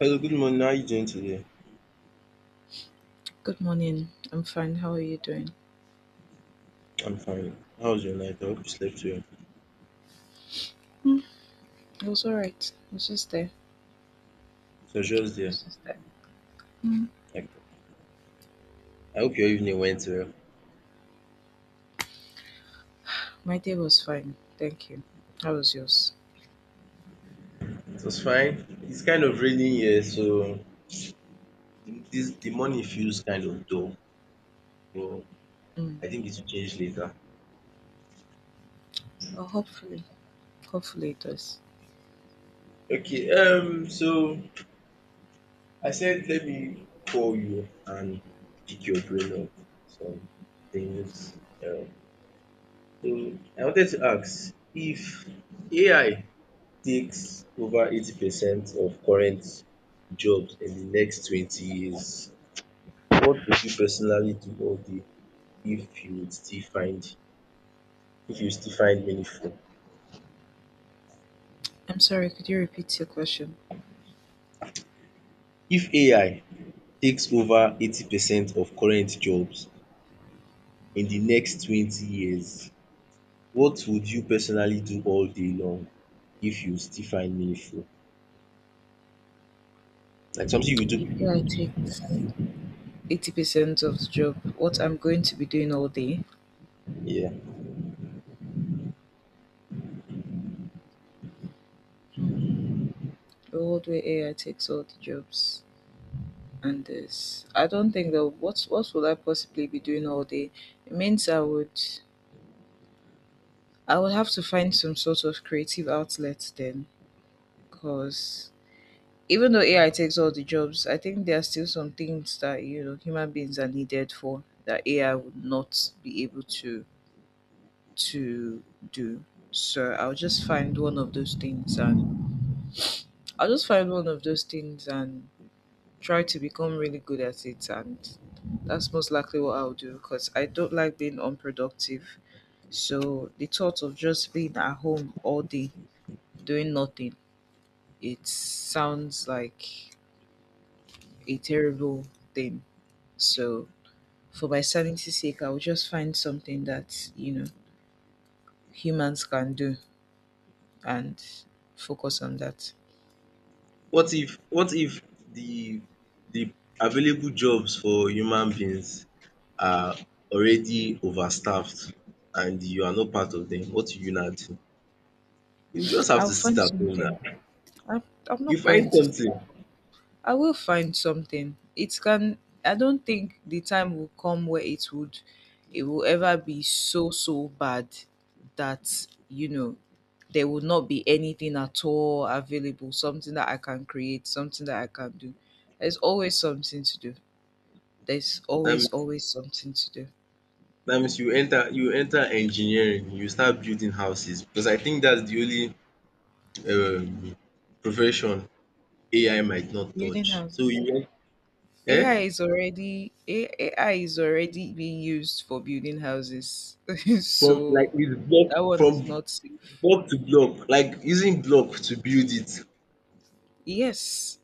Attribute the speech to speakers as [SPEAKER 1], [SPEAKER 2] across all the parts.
[SPEAKER 1] Hello, good morning. How are you doing today?
[SPEAKER 2] Good morning. I'm fine. How are you doing?
[SPEAKER 1] I'm fine. How was your night? I hope you slept well.
[SPEAKER 2] Mm, it was all right.
[SPEAKER 1] It was
[SPEAKER 2] I
[SPEAKER 1] just there.
[SPEAKER 2] was just there. Mm.
[SPEAKER 1] Like, I hope your evening went well.
[SPEAKER 2] My day was fine. Thank you. How was yours?
[SPEAKER 1] It was fine. It's kind of raining here, so the- this the morning feels kind of dull, but
[SPEAKER 2] Mm.
[SPEAKER 1] I think it will change later.
[SPEAKER 2] Well, hopefully. Hopefully it does.
[SPEAKER 1] Okay, so I said let me call you and pick your brain up some things. Um, so I wanted to ask if AI takes over 80% of current jobs in the next 20 years. What would you personally do all day if you would still find if you still find meaningful?
[SPEAKER 2] I'm sorry. Could you repeat your question?
[SPEAKER 1] If AI takes over 80% of current jobs in the next 20 years, what would you personally do all day long if you still find meaningful? Like something you would
[SPEAKER 2] If I
[SPEAKER 1] do,
[SPEAKER 2] take 80% of the job, what I'm going to be doing all day,
[SPEAKER 1] yeah.
[SPEAKER 2] mm. The old way AI takes all the jobs. And this, I don't think that what would I possibly be doing all day? It means I would have to find some sort of creative outlet then, because even though AI takes all the jobs, I think there are still some things that you know human beings are needed for that AI would not be able to do. So I'll just find one of those things and try to become really good at it, and that's most likely what I'll do because I don't like being unproductive. So the thought of just being at home all day doing nothing, it sounds like a terrible thing. So, for my sanity's sake, I will just find something that, you know, humans can do and focus on that.
[SPEAKER 1] What if the the available jobs for human beings are already overstaffed and you are not part of them? What will you now do? You just have
[SPEAKER 2] I'll
[SPEAKER 1] to sit
[SPEAKER 2] find
[SPEAKER 1] at home
[SPEAKER 2] something.
[SPEAKER 1] now.
[SPEAKER 2] I'm, I'm
[SPEAKER 1] You
[SPEAKER 2] not going
[SPEAKER 1] find
[SPEAKER 2] to say,
[SPEAKER 1] something.
[SPEAKER 2] I will find something. It can I don't think the time will come where it will ever be so bad that you know there will not be anything at all available, something that I can create, something that I can do. There's always something to do. There's
[SPEAKER 1] That
[SPEAKER 2] always
[SPEAKER 1] means,
[SPEAKER 2] always something to do.
[SPEAKER 1] that means, you enter engineering. You start building houses because I think that's the only um profession AI might not
[SPEAKER 2] Building
[SPEAKER 1] touch. So you
[SPEAKER 2] houses.
[SPEAKER 1] went, eh
[SPEAKER 2] AI is already being used for building houses.
[SPEAKER 1] from like
[SPEAKER 2] So
[SPEAKER 1] with block
[SPEAKER 2] that one
[SPEAKER 1] from
[SPEAKER 2] is not safe.
[SPEAKER 1] block to block, like using block to build it.
[SPEAKER 2] Yes,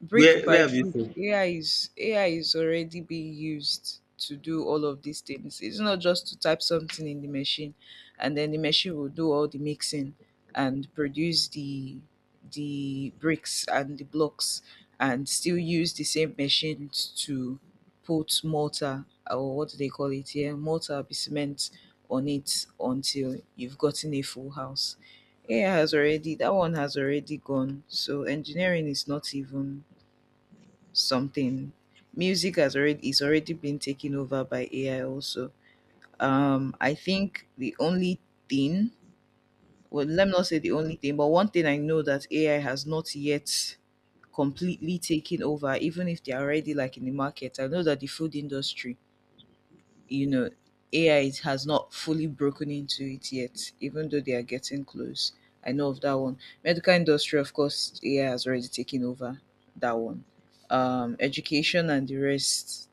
[SPEAKER 2] brick
[SPEAKER 1] Where
[SPEAKER 2] by
[SPEAKER 1] where have you
[SPEAKER 2] brick.
[SPEAKER 1] seen?
[SPEAKER 2] AI is already being used to do all of these things. It's not just to type something in the machine, and then the machine will do all the mixing and produce the bricks and the blocks, and still use the same machines to put mortar, or what do they call it here, mortar be cement, on it until you've gotten a full house. AI has already That one has already gone. So engineering is not even something. Music has already is already been taken over by AI also. I think the only thing, well let me not say the only thing, but one thing I know that AI has not yet completely taken over, even if they're already like in the market. I know that the food industry, you know, has not fully broken into it yet, even though they are getting close. I know of that one. Medical industry, of course, AI has already taken over that one. Education and the rest,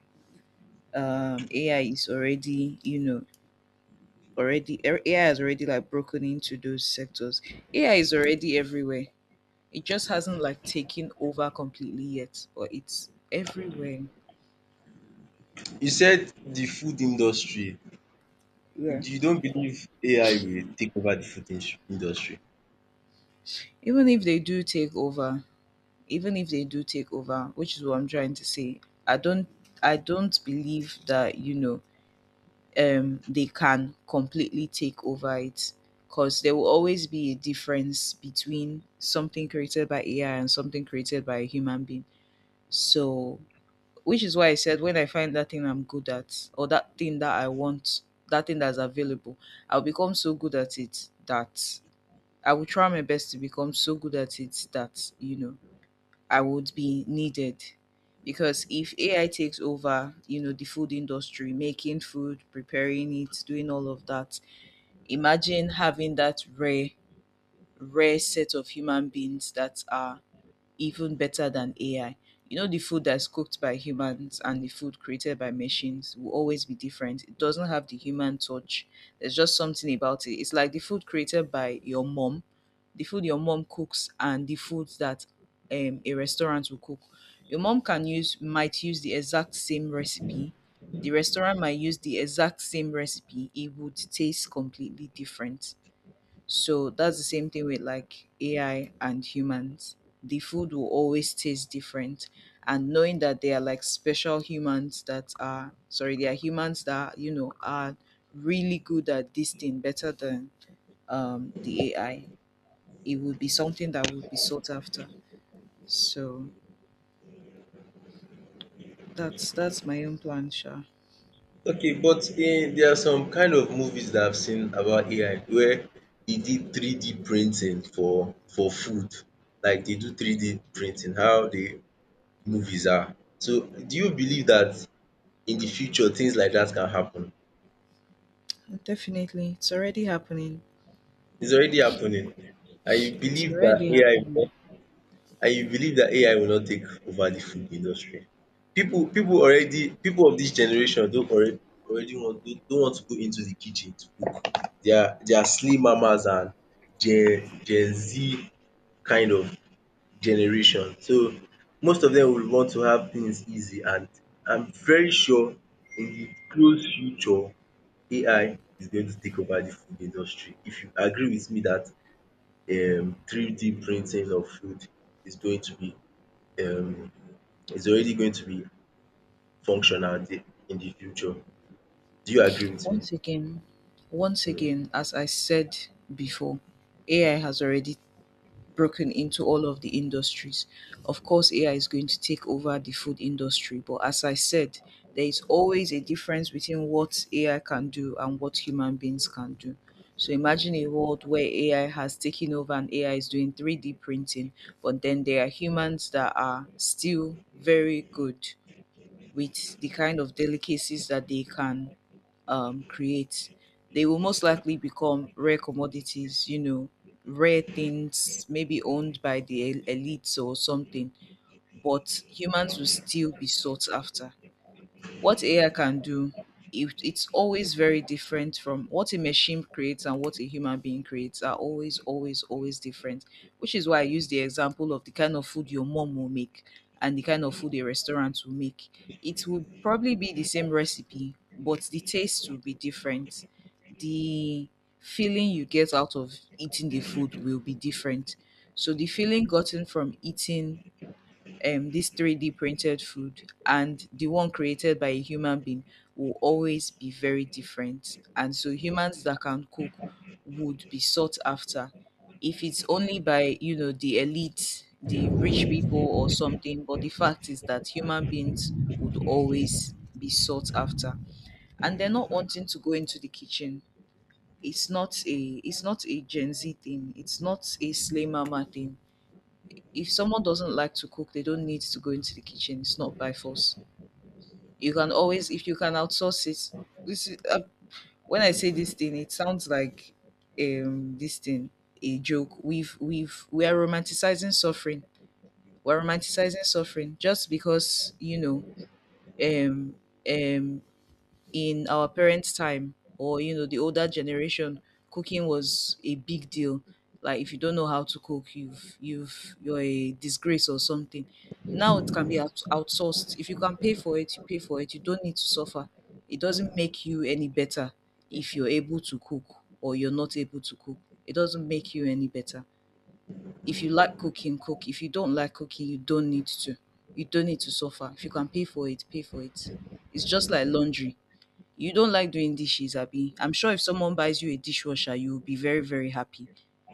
[SPEAKER 2] AI is already, you know, already, AI has already like broken into those sectors. AI is already everywhere. It just hasn't like taken over completely yet, but it's everywhere.
[SPEAKER 1] You said the food industry.
[SPEAKER 2] Yeah,
[SPEAKER 1] You don't believe AI will take over the food industry.
[SPEAKER 2] even if they do take over even if they do take over, which is what I'm trying to say, i don't I don't believe that you know, they can completely take over it, because there will always be a difference between something created by AI and something created by a human being. So, which is why I said when I find that thing I'm good at, or that thing that I want, that thing that's available, I'll become so good at it that I will try my best to become so good at it that, you know, I would be needed. Because if AI takes over, you know, the food industry, making food, preparing it, doing all of that, imagine having that rare set of human beings that are even better than AI. You know, the food that's cooked by humans and the food created by machines will always be different. It doesn't have the human touch. There's just something about it. It's like the food created by your mom, the food your mom cooks, and the food that a restaurant will cook. Your mom can use might use the exact same recipe. The restaurant might use the exact same recipe. It would taste completely different, so that's the same thing with like AI and humans. The food will always taste different. And knowing that they are like special humans that are sorry, they are humans that, you know, are really good at this thing, better than the AI. It would be something that would be sought after. So that's my own plan, Sha.
[SPEAKER 1] Okay, but in there are some kind of movies that I've seen about AI where they did 3D printing for food. Like they do 3D printing, how the movies are. So do you believe that in the future things like that can happen?
[SPEAKER 2] Definitely. It's already happening.
[SPEAKER 1] It's already happening. And you
[SPEAKER 2] It's
[SPEAKER 1] believe that
[SPEAKER 2] already
[SPEAKER 1] AI
[SPEAKER 2] happening.
[SPEAKER 1] I believe that AI will not take over the food industry. People of this generation don already want not want to go into the kitchen to cook. They are slim mamas and Gen Z kind of generation. So most of them will want to have things easy and I'm very sure in the close future AI is going to take over the food industry. If you agree with me that 3D printing of food is going to be, um is already going to be functional in the future. Do you agree with me?
[SPEAKER 2] Once again, Once again, as I said before, AI has already broken into all of the industries. Of course, AI is going to take over the food industry, but as I said, there is always a difference between what AI can do and what human beings can do. So imagine a world where AI has taken over and AI is doing 3D printing, but then there are humans that are still very good with the kind of delicacies that they can create. They will most likely become rare commodities, you know, rare things, maybe owned by the elites or something. But humans will still be sought after. What AI can do, it's always very different from what a machine creates, and what a human being creates are always different. Which is why I use the example of the kind of food your mom will make and the kind of food a restaurant will make. It would probably be the same recipe, but the taste will be different. The feeling you get out of eating the food will be different. So the feeling gotten from eating this 3D printed food and the one created by a human being will always be very different. And so humans that can cook would be sought after, if it's only by, you know, the elite, the rich people or something, but the fact is that human beings would always be sought after. And they're not wanting to go into the kitchen. It's not a Gen Z thing. It's not a Slay Mama thing. If someone doesn't like to cook, they don't need to go into the kitchen. It's not by force. You can always, if you can, outsource it. This is, when I say this thing, it sounds like this thing a joke. We are romanticizing suffering. We're romanticizing suffering just because you know, um um in our parents' time, or you know, the older generation, cooking was a big deal. Like if you don't know how to cook, you're a disgrace or something. Now it can be outsourced. If you can pay for it, you pay for it. You don't need to suffer. It doesn't make you any better if you're able to cook or you're not able to cook. It doesn't make you any better. If you like cooking, cook. If you don't like cooking, you don't need to. You don't need to suffer. If you can pay for it, pay for it. It's just like laundry. You don't like doing dishes, Abby. I'm sure if someone buys you a dishwasher, you'll be very, very happy.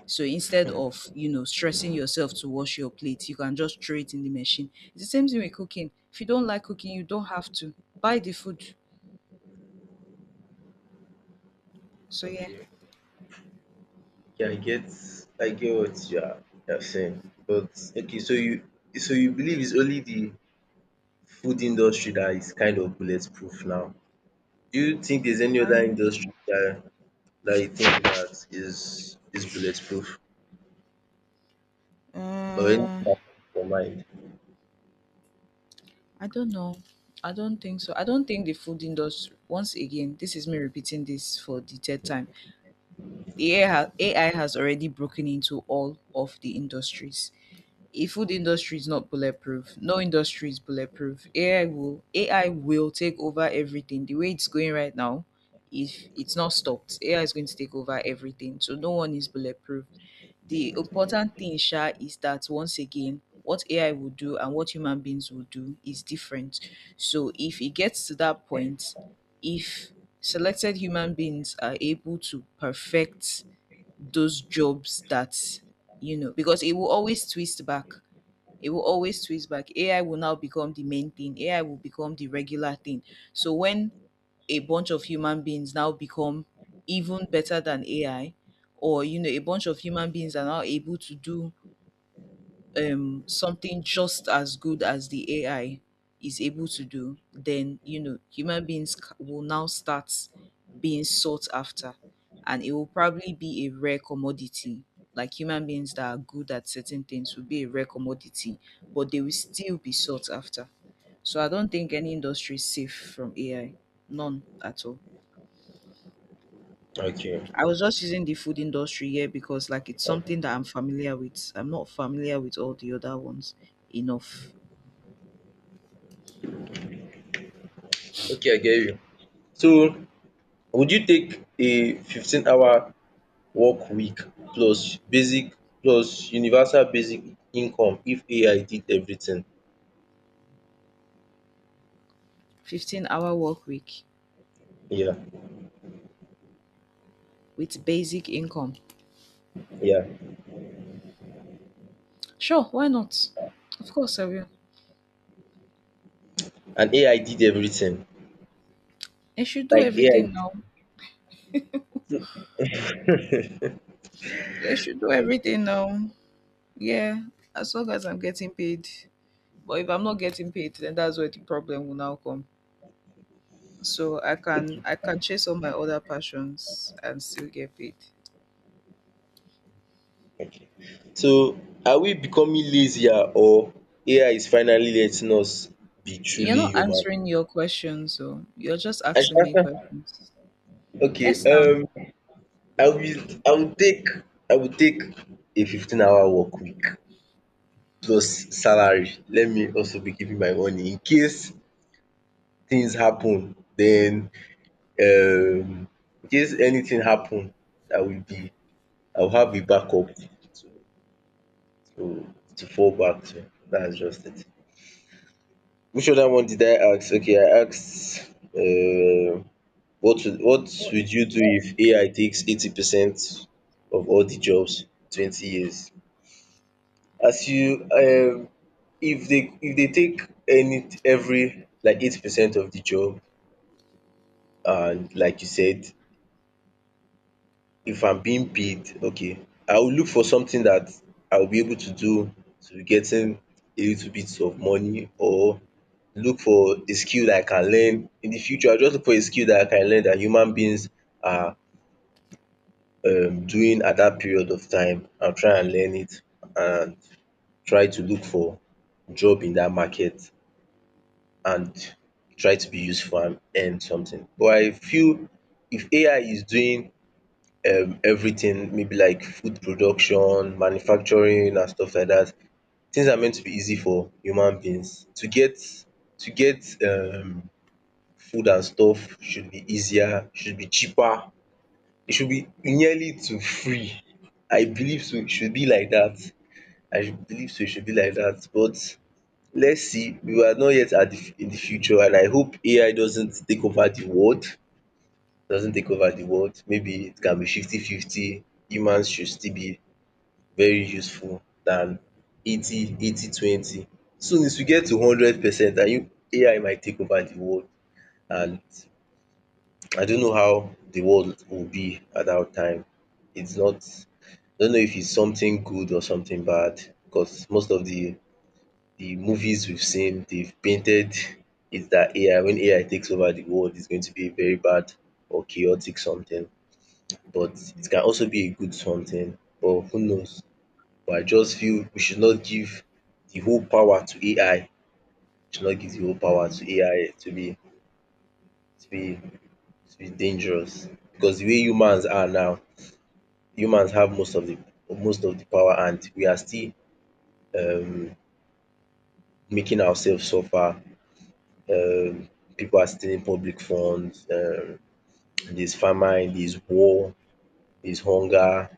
[SPEAKER 2] So instead of, you know, stressing yourself to wash your plate, you can just throw it in the machine. It's the same thing with cooking. If you don't like cooking, you don't have to buy the food. So yeah,
[SPEAKER 1] Okay. Yeah, I get what you are saying. But okay, so you believe it's only the food industry that is kind of bulletproof now. Do you think there's any
[SPEAKER 2] I,
[SPEAKER 1] other industry that you think that is bulletproof? Or anything
[SPEAKER 2] uh,
[SPEAKER 1] that comes to your mind?
[SPEAKER 2] I don't know. I don't think so. I don't think the food industry. Once again, this is me repeating this for the third time. AI has already broken into all of the industries. A food industry is not bulletproof. No industry is bulletproof. AI will take over everything. The way it's going right now, if it's not stopped, AI is going to take over everything. So no one is bulletproof. The important thing, Sha, is that once again, what AI will do and what human beings will do is different. So if it gets to that point, if selected human beings are able to perfect those jobs that you know, because it will always twist back. AI will now become the main thing. AI will become the regular thing. So when a bunch of human beings now become even better than AI, or you know, a bunch of human beings are now able to do something just as good as the AI is able to do, then you know human beings will now start being sought after, and it will probably be a rare commodity. Like human beings that are good at certain things will be a rare commodity, but they will still be sought after. So I don't think any industry is safe from AI, none at all.
[SPEAKER 1] Okay.
[SPEAKER 2] I was just using the food industry here because like it's something that I'm familiar with. I'm not familiar with all the other ones enough.
[SPEAKER 1] Okay, I get you. So would you take a 15-hour work week plus basic plus universal basic income if AI did everything?
[SPEAKER 2] 15-hour work week
[SPEAKER 1] Yeah,
[SPEAKER 2] with basic income.
[SPEAKER 1] yeah.
[SPEAKER 2] Sure, why not? Of course I will.
[SPEAKER 1] And AI did everything.
[SPEAKER 2] I should do
[SPEAKER 1] Like AI.
[SPEAKER 2] everything now. I should do everything now. Yeah, as long as I'm getting paid. But if I'm not getting paid, then that's where the problem will now come. So I can chase all my other passions and still get paid.
[SPEAKER 1] Okay. So are we becoming lazier or AI is finally letting us be
[SPEAKER 2] You're
[SPEAKER 1] truly
[SPEAKER 2] not
[SPEAKER 1] human?
[SPEAKER 2] answering your questions, so you're just
[SPEAKER 1] I
[SPEAKER 2] asking me
[SPEAKER 1] should answer.
[SPEAKER 2] questions.
[SPEAKER 1] Okay.
[SPEAKER 2] Yes, now.
[SPEAKER 1] I will. I will take. I will take a 15-hour work week plus salary. Let me also be giving my money in case things happen. Then, um in case anything happen, I will be I will have a backup to fall back to. That's just it. Which other one did I ask? Okay, I asked, what
[SPEAKER 2] What
[SPEAKER 1] would
[SPEAKER 2] if
[SPEAKER 1] you
[SPEAKER 2] you
[SPEAKER 1] do
[SPEAKER 2] do?
[SPEAKER 1] if AI takes 80% of all the jobs in 20 years? As you, if they take any every, like, 80% of the job, and like you said, if I'm being paid, okay, I will look for something that I will be able to do to be getting a little bit of money, or look for a skill that I can learn in the future. I'll just look for a skill that I can learn that human beings are, doing at that period of time. I'll try and learn it and try to look for job in that market and try to be useful and earn something. But I feel if AI is doing, everything, maybe like food production, manufacturing and stuff like that. Things are meant to be easy for human beings. To get food and stuff should be easier, should be cheaper. It should be nearly to free. I believe so, it should be like that. I should believe so, it should be like that. But let's see, we are not yet at the in the future, and I hope AI doesn't take over the world, doesn't take over the world. Maybe it can be 50 50, humans should still be very useful than eighty eighty twenty. Soon as we get to 100%, and you AI might take over the world, and I don't know how the world will be at that time. It's not I don't know if it's something good or something bad, because most of the movies we've seen, they've painted it that AI, when AI takes over the world, it's going to be a very bad or chaotic something, but it can also be a good something, but who knows. But I just feel we should not give the whole power to AI. We should not give the whole power
[SPEAKER 2] Mm-hmm.
[SPEAKER 1] to AI to be to be dangerous, because the way humans are now, humans have most of the power, and we are still, um making ourselves suffer. Um People are stealing public funds, there's famine, there's war, there's hunger,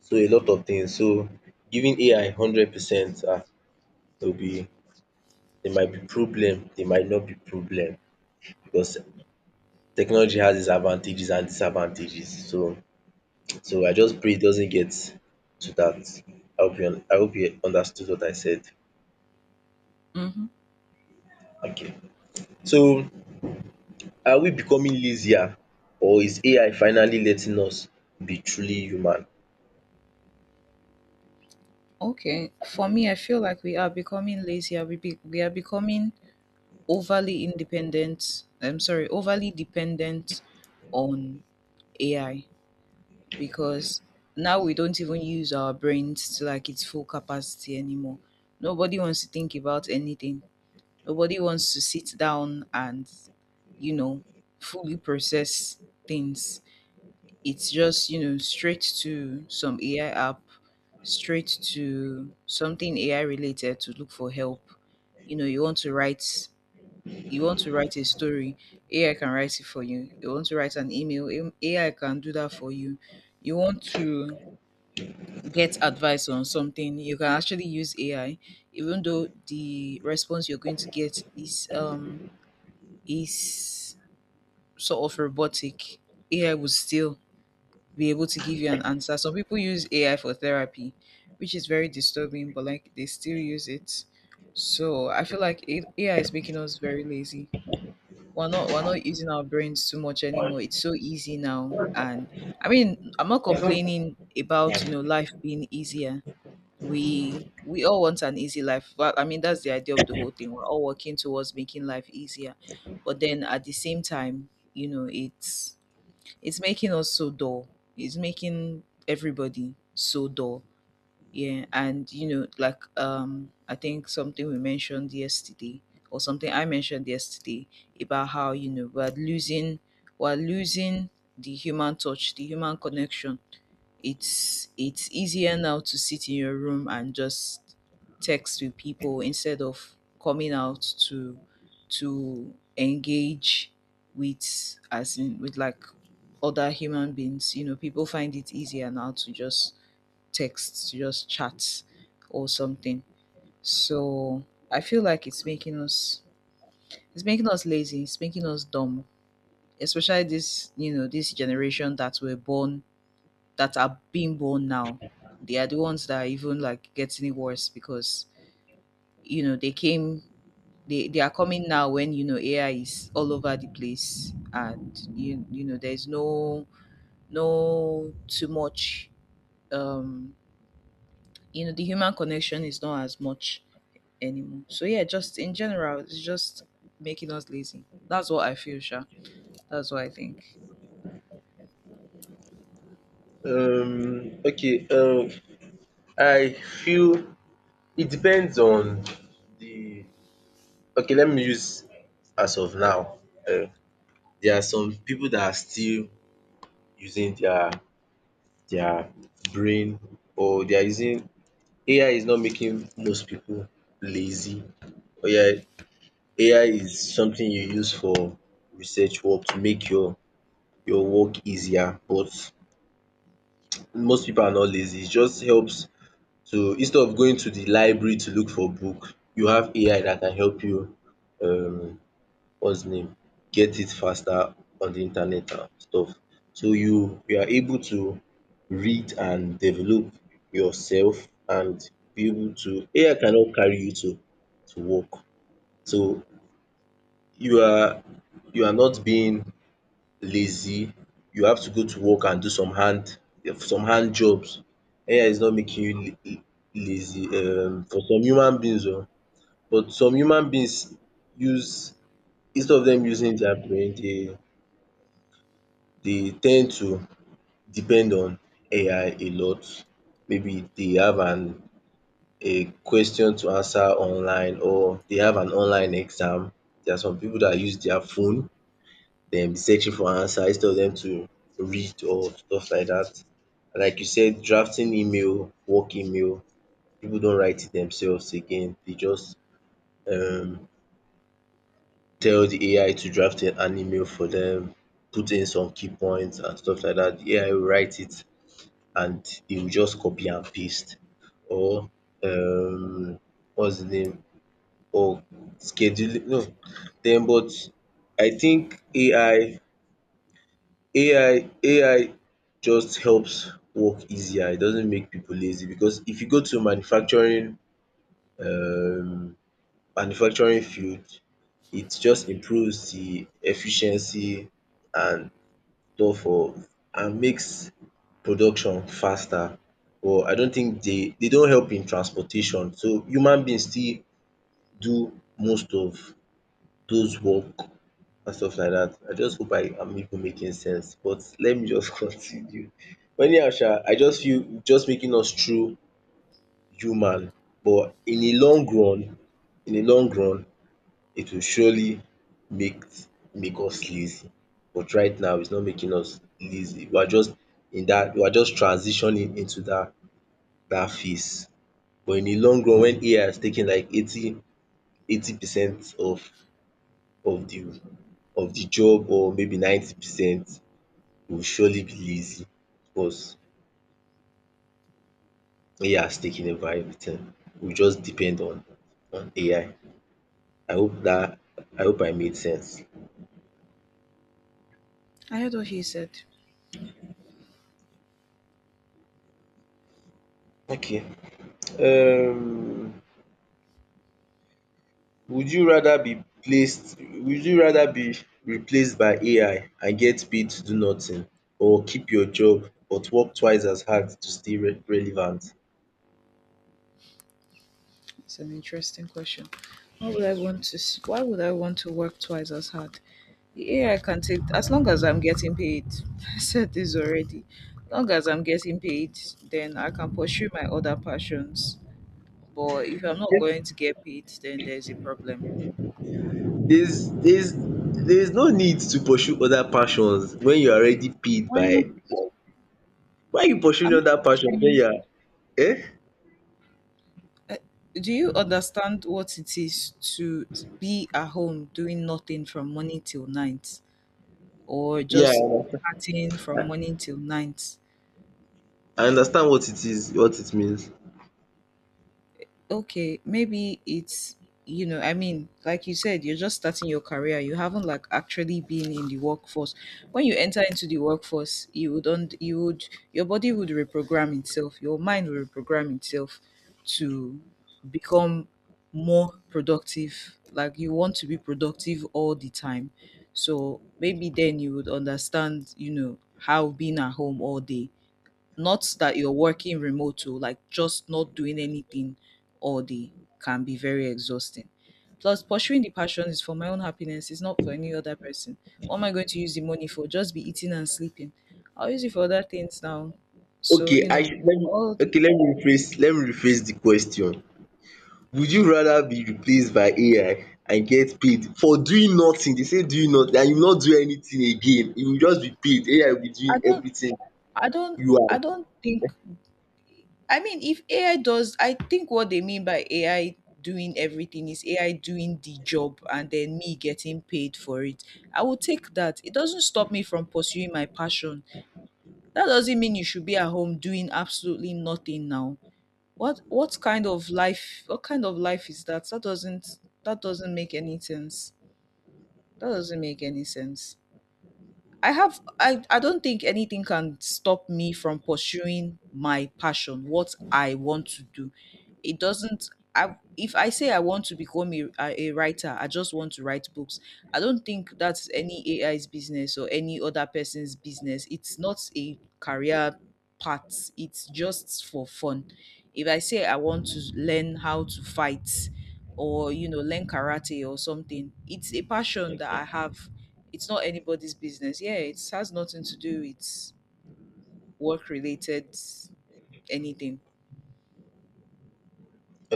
[SPEAKER 1] so a lot of things. So giving AI 100%, will be, there might be problem, there might not be problem. Because technology has its advantages and disadvantages. So I just pray it doesn't get to that. I hope you understood what I said.
[SPEAKER 2] Hmm.
[SPEAKER 1] Okay. So are we becoming lazier or is AI finally letting us be truly human?
[SPEAKER 2] Okay. For me, I feel like we are becoming lazier. We are becoming overly independent. I'm sorry, overly dependent on AI because now we don't even use our brains to like its full capacity anymore. Nobody wants to think about anything. Nobody wants to sit down and, you know, fully process things. It's just, straight to some AI app, straight to something AI related to look for help. You know, you want to write a story, AI can write it for you. You want to write an email, AI can do that for you. You want to get advice on something, you can actually use AI, even though the response you're going to get is is sort of robotic. AI would still be able to give you an answer. Some people use AI for therapy, which is very disturbing, but like they still use it. So I feel like AI is making us very lazy. We're not using our brains too much anymore. It's so easy now, and I mean I'm not
[SPEAKER 1] Um
[SPEAKER 2] complaining about you know life being easier. We all want an easy life. Well, I mean that's the idea of the whole thing. We're all working towards making life easier, but then at the same time, you know it's making us so dull. It's making everybody so dull. Yeah, and you know, like I think something we mentioned yesterday, or something I mentioned yesterday about how you know we're losing the human touch, the human connection. It's easier now to sit in your room and just text with people instead of coming out to engage with, as in with like other human beings. You know, people find it easier now to just text, to just chat or something. So I feel like it's making us lazy, it's making us dumb, especially this, you know, this generation that are being born now, they are the ones that are even like getting it worse because you know they are coming now when you know AI is all over the place and you know there's no too much um you know the human connection is not as much anymore. So yeah, just in general, it's just making us lazy. That's what I feel, Sha. That's what I think.
[SPEAKER 1] okay, I feel it depends on the, okay, let me use as of now. um There are some people that are still using their brain, or they are using, AI is not making most people lazy. Or yeah, AI is something you use for research work to make your work easier, but most people are not lazy. It just helps to, instead of going to the library to look for book, you have AI that can help you, um hustling, get it faster on the internet and stuff. So you are able to read and develop yourself and be able to, AI cannot carry you to work. So you are you are not being lazy. You have to go to work and do some hand jobs. AI is not making you la lazy, for some human beings oo, but some human beings use, instead of dem using their brain, they tend to depend on AI a lot. Maybe they have an a question to answer online, or they have an online exam. There are some people that use their phone, then be searching for answer, instead of them to read or stuff like dat. Like you said, drafting email, work email, people don't write it themselves again. They just, um tell the AI to draft an email for them, put in some key points and stuff like that. The AI will write it, and e will just copy and paste. Or, um what's the name, or scheduling, no, then. But I think AI just helps work easier. It doesn't make people lazy, because if you go to manufacturing, um manufacturing field, it just improves the efficiency and store for and makes production faster. But I don think dey don help in transportation, so human being still do most of those work and stuff like dat. I just hope I am even making sense, but let me just continue. But anyhow sha, I just feel just making us true human, but in a long run in a long run it will surely make make us lazy. But right now it's not making us lazy. We are just in that. We are just transitioning into that phase. But in the long run, when AI has taken like eighty eighty percent of of the the job, or maybe 90%, we will surely be lazy, because AI has taken over everything. We just depend on AI. I I hope that I hope I made sense.
[SPEAKER 2] I heard what he said.
[SPEAKER 1] Okay, um would you rather be replaced by AI and get paid to do nothing, or keep your job but work twice as hard to stay relevant?
[SPEAKER 2] It's an interesting question. Why would I want to? Why would I want to work twice as hard? The AI can take as long as I'm getting paid. I said this already. As long as I'm getting paid, then I can pursue my other passions. But if I'm not going to get paid, then there's a problem.
[SPEAKER 1] There's no need to pursue other passions when you are already paid
[SPEAKER 2] Why not?
[SPEAKER 1] by, why you pursuing
[SPEAKER 2] I'm not
[SPEAKER 1] other passion when
[SPEAKER 2] pursuing.
[SPEAKER 1] you are,
[SPEAKER 2] uh, Do you understand what it is to be at home doing nothing from morning till night, or
[SPEAKER 1] yeah.
[SPEAKER 2] just partying from morning till night?
[SPEAKER 1] I understand what it is, what it means.
[SPEAKER 2] Okay, maybe it's, you know, I mean, like you said, you're just starting your career. You haven't like actually been in the workforce. When you enter into the workforce, you would not you would your body would reprogram itself. Your mind will reprogram itself to become more productive. Like you want to be productive all the time. So maybe then you would understand, you know, how being at home all day, not that you're working remote oh, like just not doing anything all day can be very exhausting. Plus, pursuing the passion is for my own happiness, it's not for any other person. What am I going to use the money for? Just be eating and sleeping. I'll use it for other things now. So,
[SPEAKER 1] Okay,
[SPEAKER 2] you
[SPEAKER 1] I
[SPEAKER 2] know,
[SPEAKER 1] should let me,
[SPEAKER 2] all the
[SPEAKER 1] okay let me rephrase the question. Would you rather be replaced by AI and get paid for doing nothing, dey say doing nothing, and you no do anything again, you go just be paid, AI will be doing
[SPEAKER 2] I don't
[SPEAKER 1] everything,
[SPEAKER 2] I don't
[SPEAKER 1] you are.
[SPEAKER 2] I don't think. I mean, if AI does, I think what they mean by AI doing everything is AI doing the job and then me getting paid for it. I will take that. It doesn't stop me from pursuing my passion. That doesn't mean you should be at home doing absolutely nothing now. What kind of life is that? That doesn't make any sense. That doesn't make any sense. I don't think anything can stop me from pursuing my passion, what I want to do. It doesn't. I If I say I want to become a, a writer, I just want to write books. I don't think that's any AI's business or any other person's business. It's not a career path. It's just for fun. If I say I want to learn how to fight or you know learn karate or something, it's a passion that I have. It's not anybody's business. Yeah, it has nothing to do with work related anything.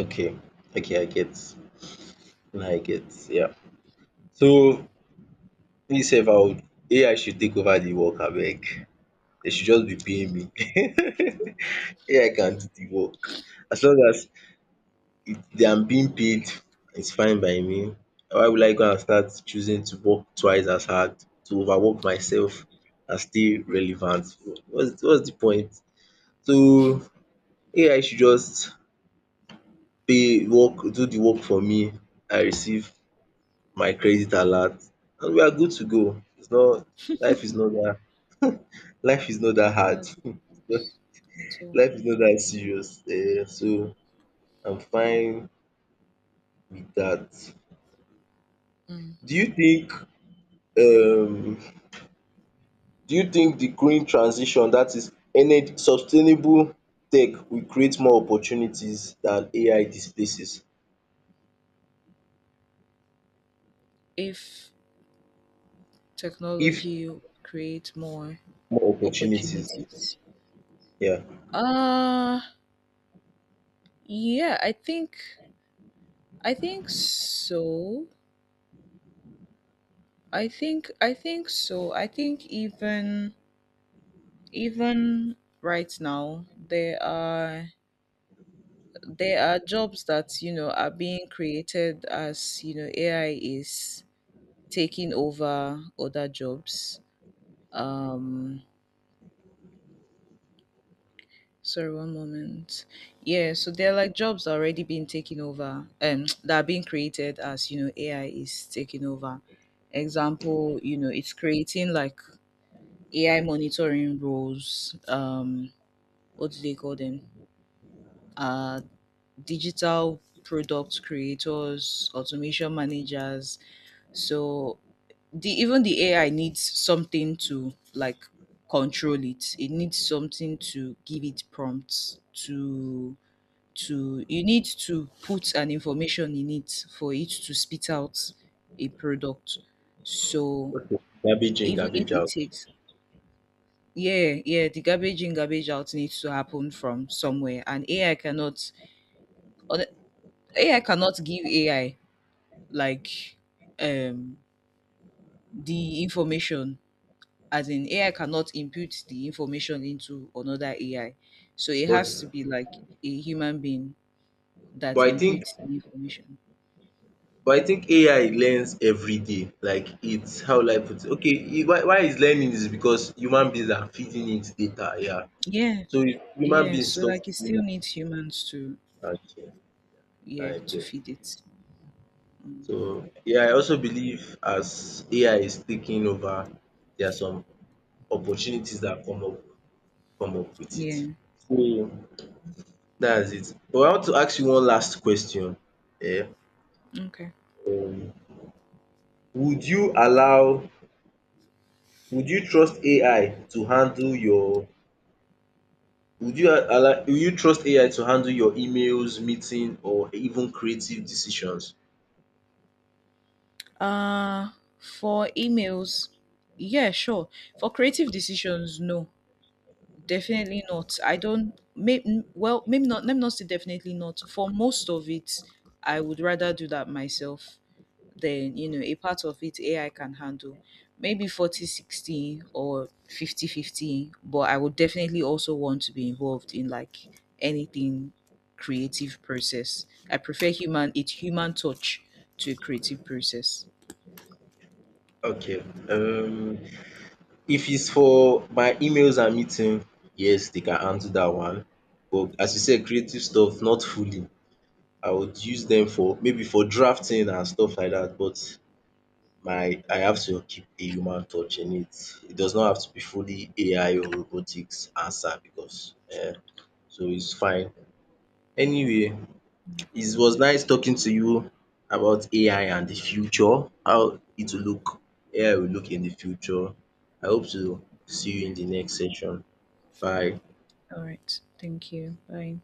[SPEAKER 1] Okay, okay I get now, I get yeah. So me sef, I would AI should take over the work abeg, dey should just be paying me. AI can do the work, as long as it, they am being paid. It's fine by me. Why will I go and start choosing to work twice as hard to overwork myself and stay relevant? What's the point? So AI should just pay work do the work for me. I receive my credit alert and we are good to go. It's not life is not that life is not that
[SPEAKER 2] It's not
[SPEAKER 1] hard.
[SPEAKER 2] that difficult at all.
[SPEAKER 1] Life is not that serious. So I'm fine with that.
[SPEAKER 2] Mm.
[SPEAKER 1] Do you think um Do you think the green transition, that is, ener sustainable tech, will create more opportunities than AI displaces?
[SPEAKER 2] If
[SPEAKER 1] If
[SPEAKER 2] technology will create more
[SPEAKER 1] more opportunities,
[SPEAKER 2] opportunities.
[SPEAKER 1] yeah.
[SPEAKER 2] Uh yeah, I think so. I think so. I think even right now there are jobs that you know are being created as you know AI is taking over other jobs. Um, sorry, one moment. Yeah, so there are like jobs already being taken over, that are being created as you know AI is taking over. Example, you know, it's creating like AI monitoring roles. What do they call them? Uh, digital product creators, automation managers. So the even the AI needs something to like control it. It needs something to give it prompts to. You need to put an information in it for it to spit out a product. So
[SPEAKER 1] Okay. Garbage in,
[SPEAKER 2] even if
[SPEAKER 1] garbage
[SPEAKER 2] it
[SPEAKER 1] out.
[SPEAKER 2] takes, yeah, yeah, the garbage in, garbage out needs to happen from somewhere. And AI cannot on- AI cannot give AI like um the information, as in AI cannot input the information into another AI. So it has to
[SPEAKER 1] But
[SPEAKER 2] be like a human being that
[SPEAKER 1] but I think
[SPEAKER 2] inputs the information.
[SPEAKER 1] but I think AI learns every day. Like, it's, how will I put it? Okay, why it's learning is because human beings are feeding it data, yeah.
[SPEAKER 2] Yeah,
[SPEAKER 1] So if human
[SPEAKER 2] yeah.
[SPEAKER 1] beings
[SPEAKER 2] So
[SPEAKER 1] stop
[SPEAKER 2] like it still
[SPEAKER 1] feeding
[SPEAKER 2] needs humans to,
[SPEAKER 1] it, okay,
[SPEAKER 2] yeah,
[SPEAKER 1] I
[SPEAKER 2] to
[SPEAKER 1] get.
[SPEAKER 2] feed it. Mm.
[SPEAKER 1] So yeah, I also believe as AI is taking over, there are some opportunities that come up with it.
[SPEAKER 2] Yeah.
[SPEAKER 1] That's it. But I want to ask you one last question. um
[SPEAKER 2] Okay.
[SPEAKER 1] Would you allow would you trust AI to handle your would you trust AI to handle your emails, meeting or even creative decisions?
[SPEAKER 2] Uh for emails, yeah, sure. For creative decisions, no. Definitely not. I don't may, n- well, maybe not, let me not say definitely not. For most of it, I would rather do that myself. Then you know a part of it AI can handle maybe 40-60 or 50-50. But I would definitely also want to be involved in like anything creative process. I prefer human, it's human touch to a creative process.
[SPEAKER 1] Okay. Um If it's for my emails and meeting, yes, they can handle that one. But as you said, creative stuff, not fully. I would use them for maybe for drafting and stuff like that. But my I have to keep a human touch in it. It does not have to be fully AI or robotics answer because so it's fine. Anyway, it was nice talking to you about AI and the future, how it will look, AI will look in the future. I hope to see you in the next session. Bye.
[SPEAKER 2] All right, thank you, bye.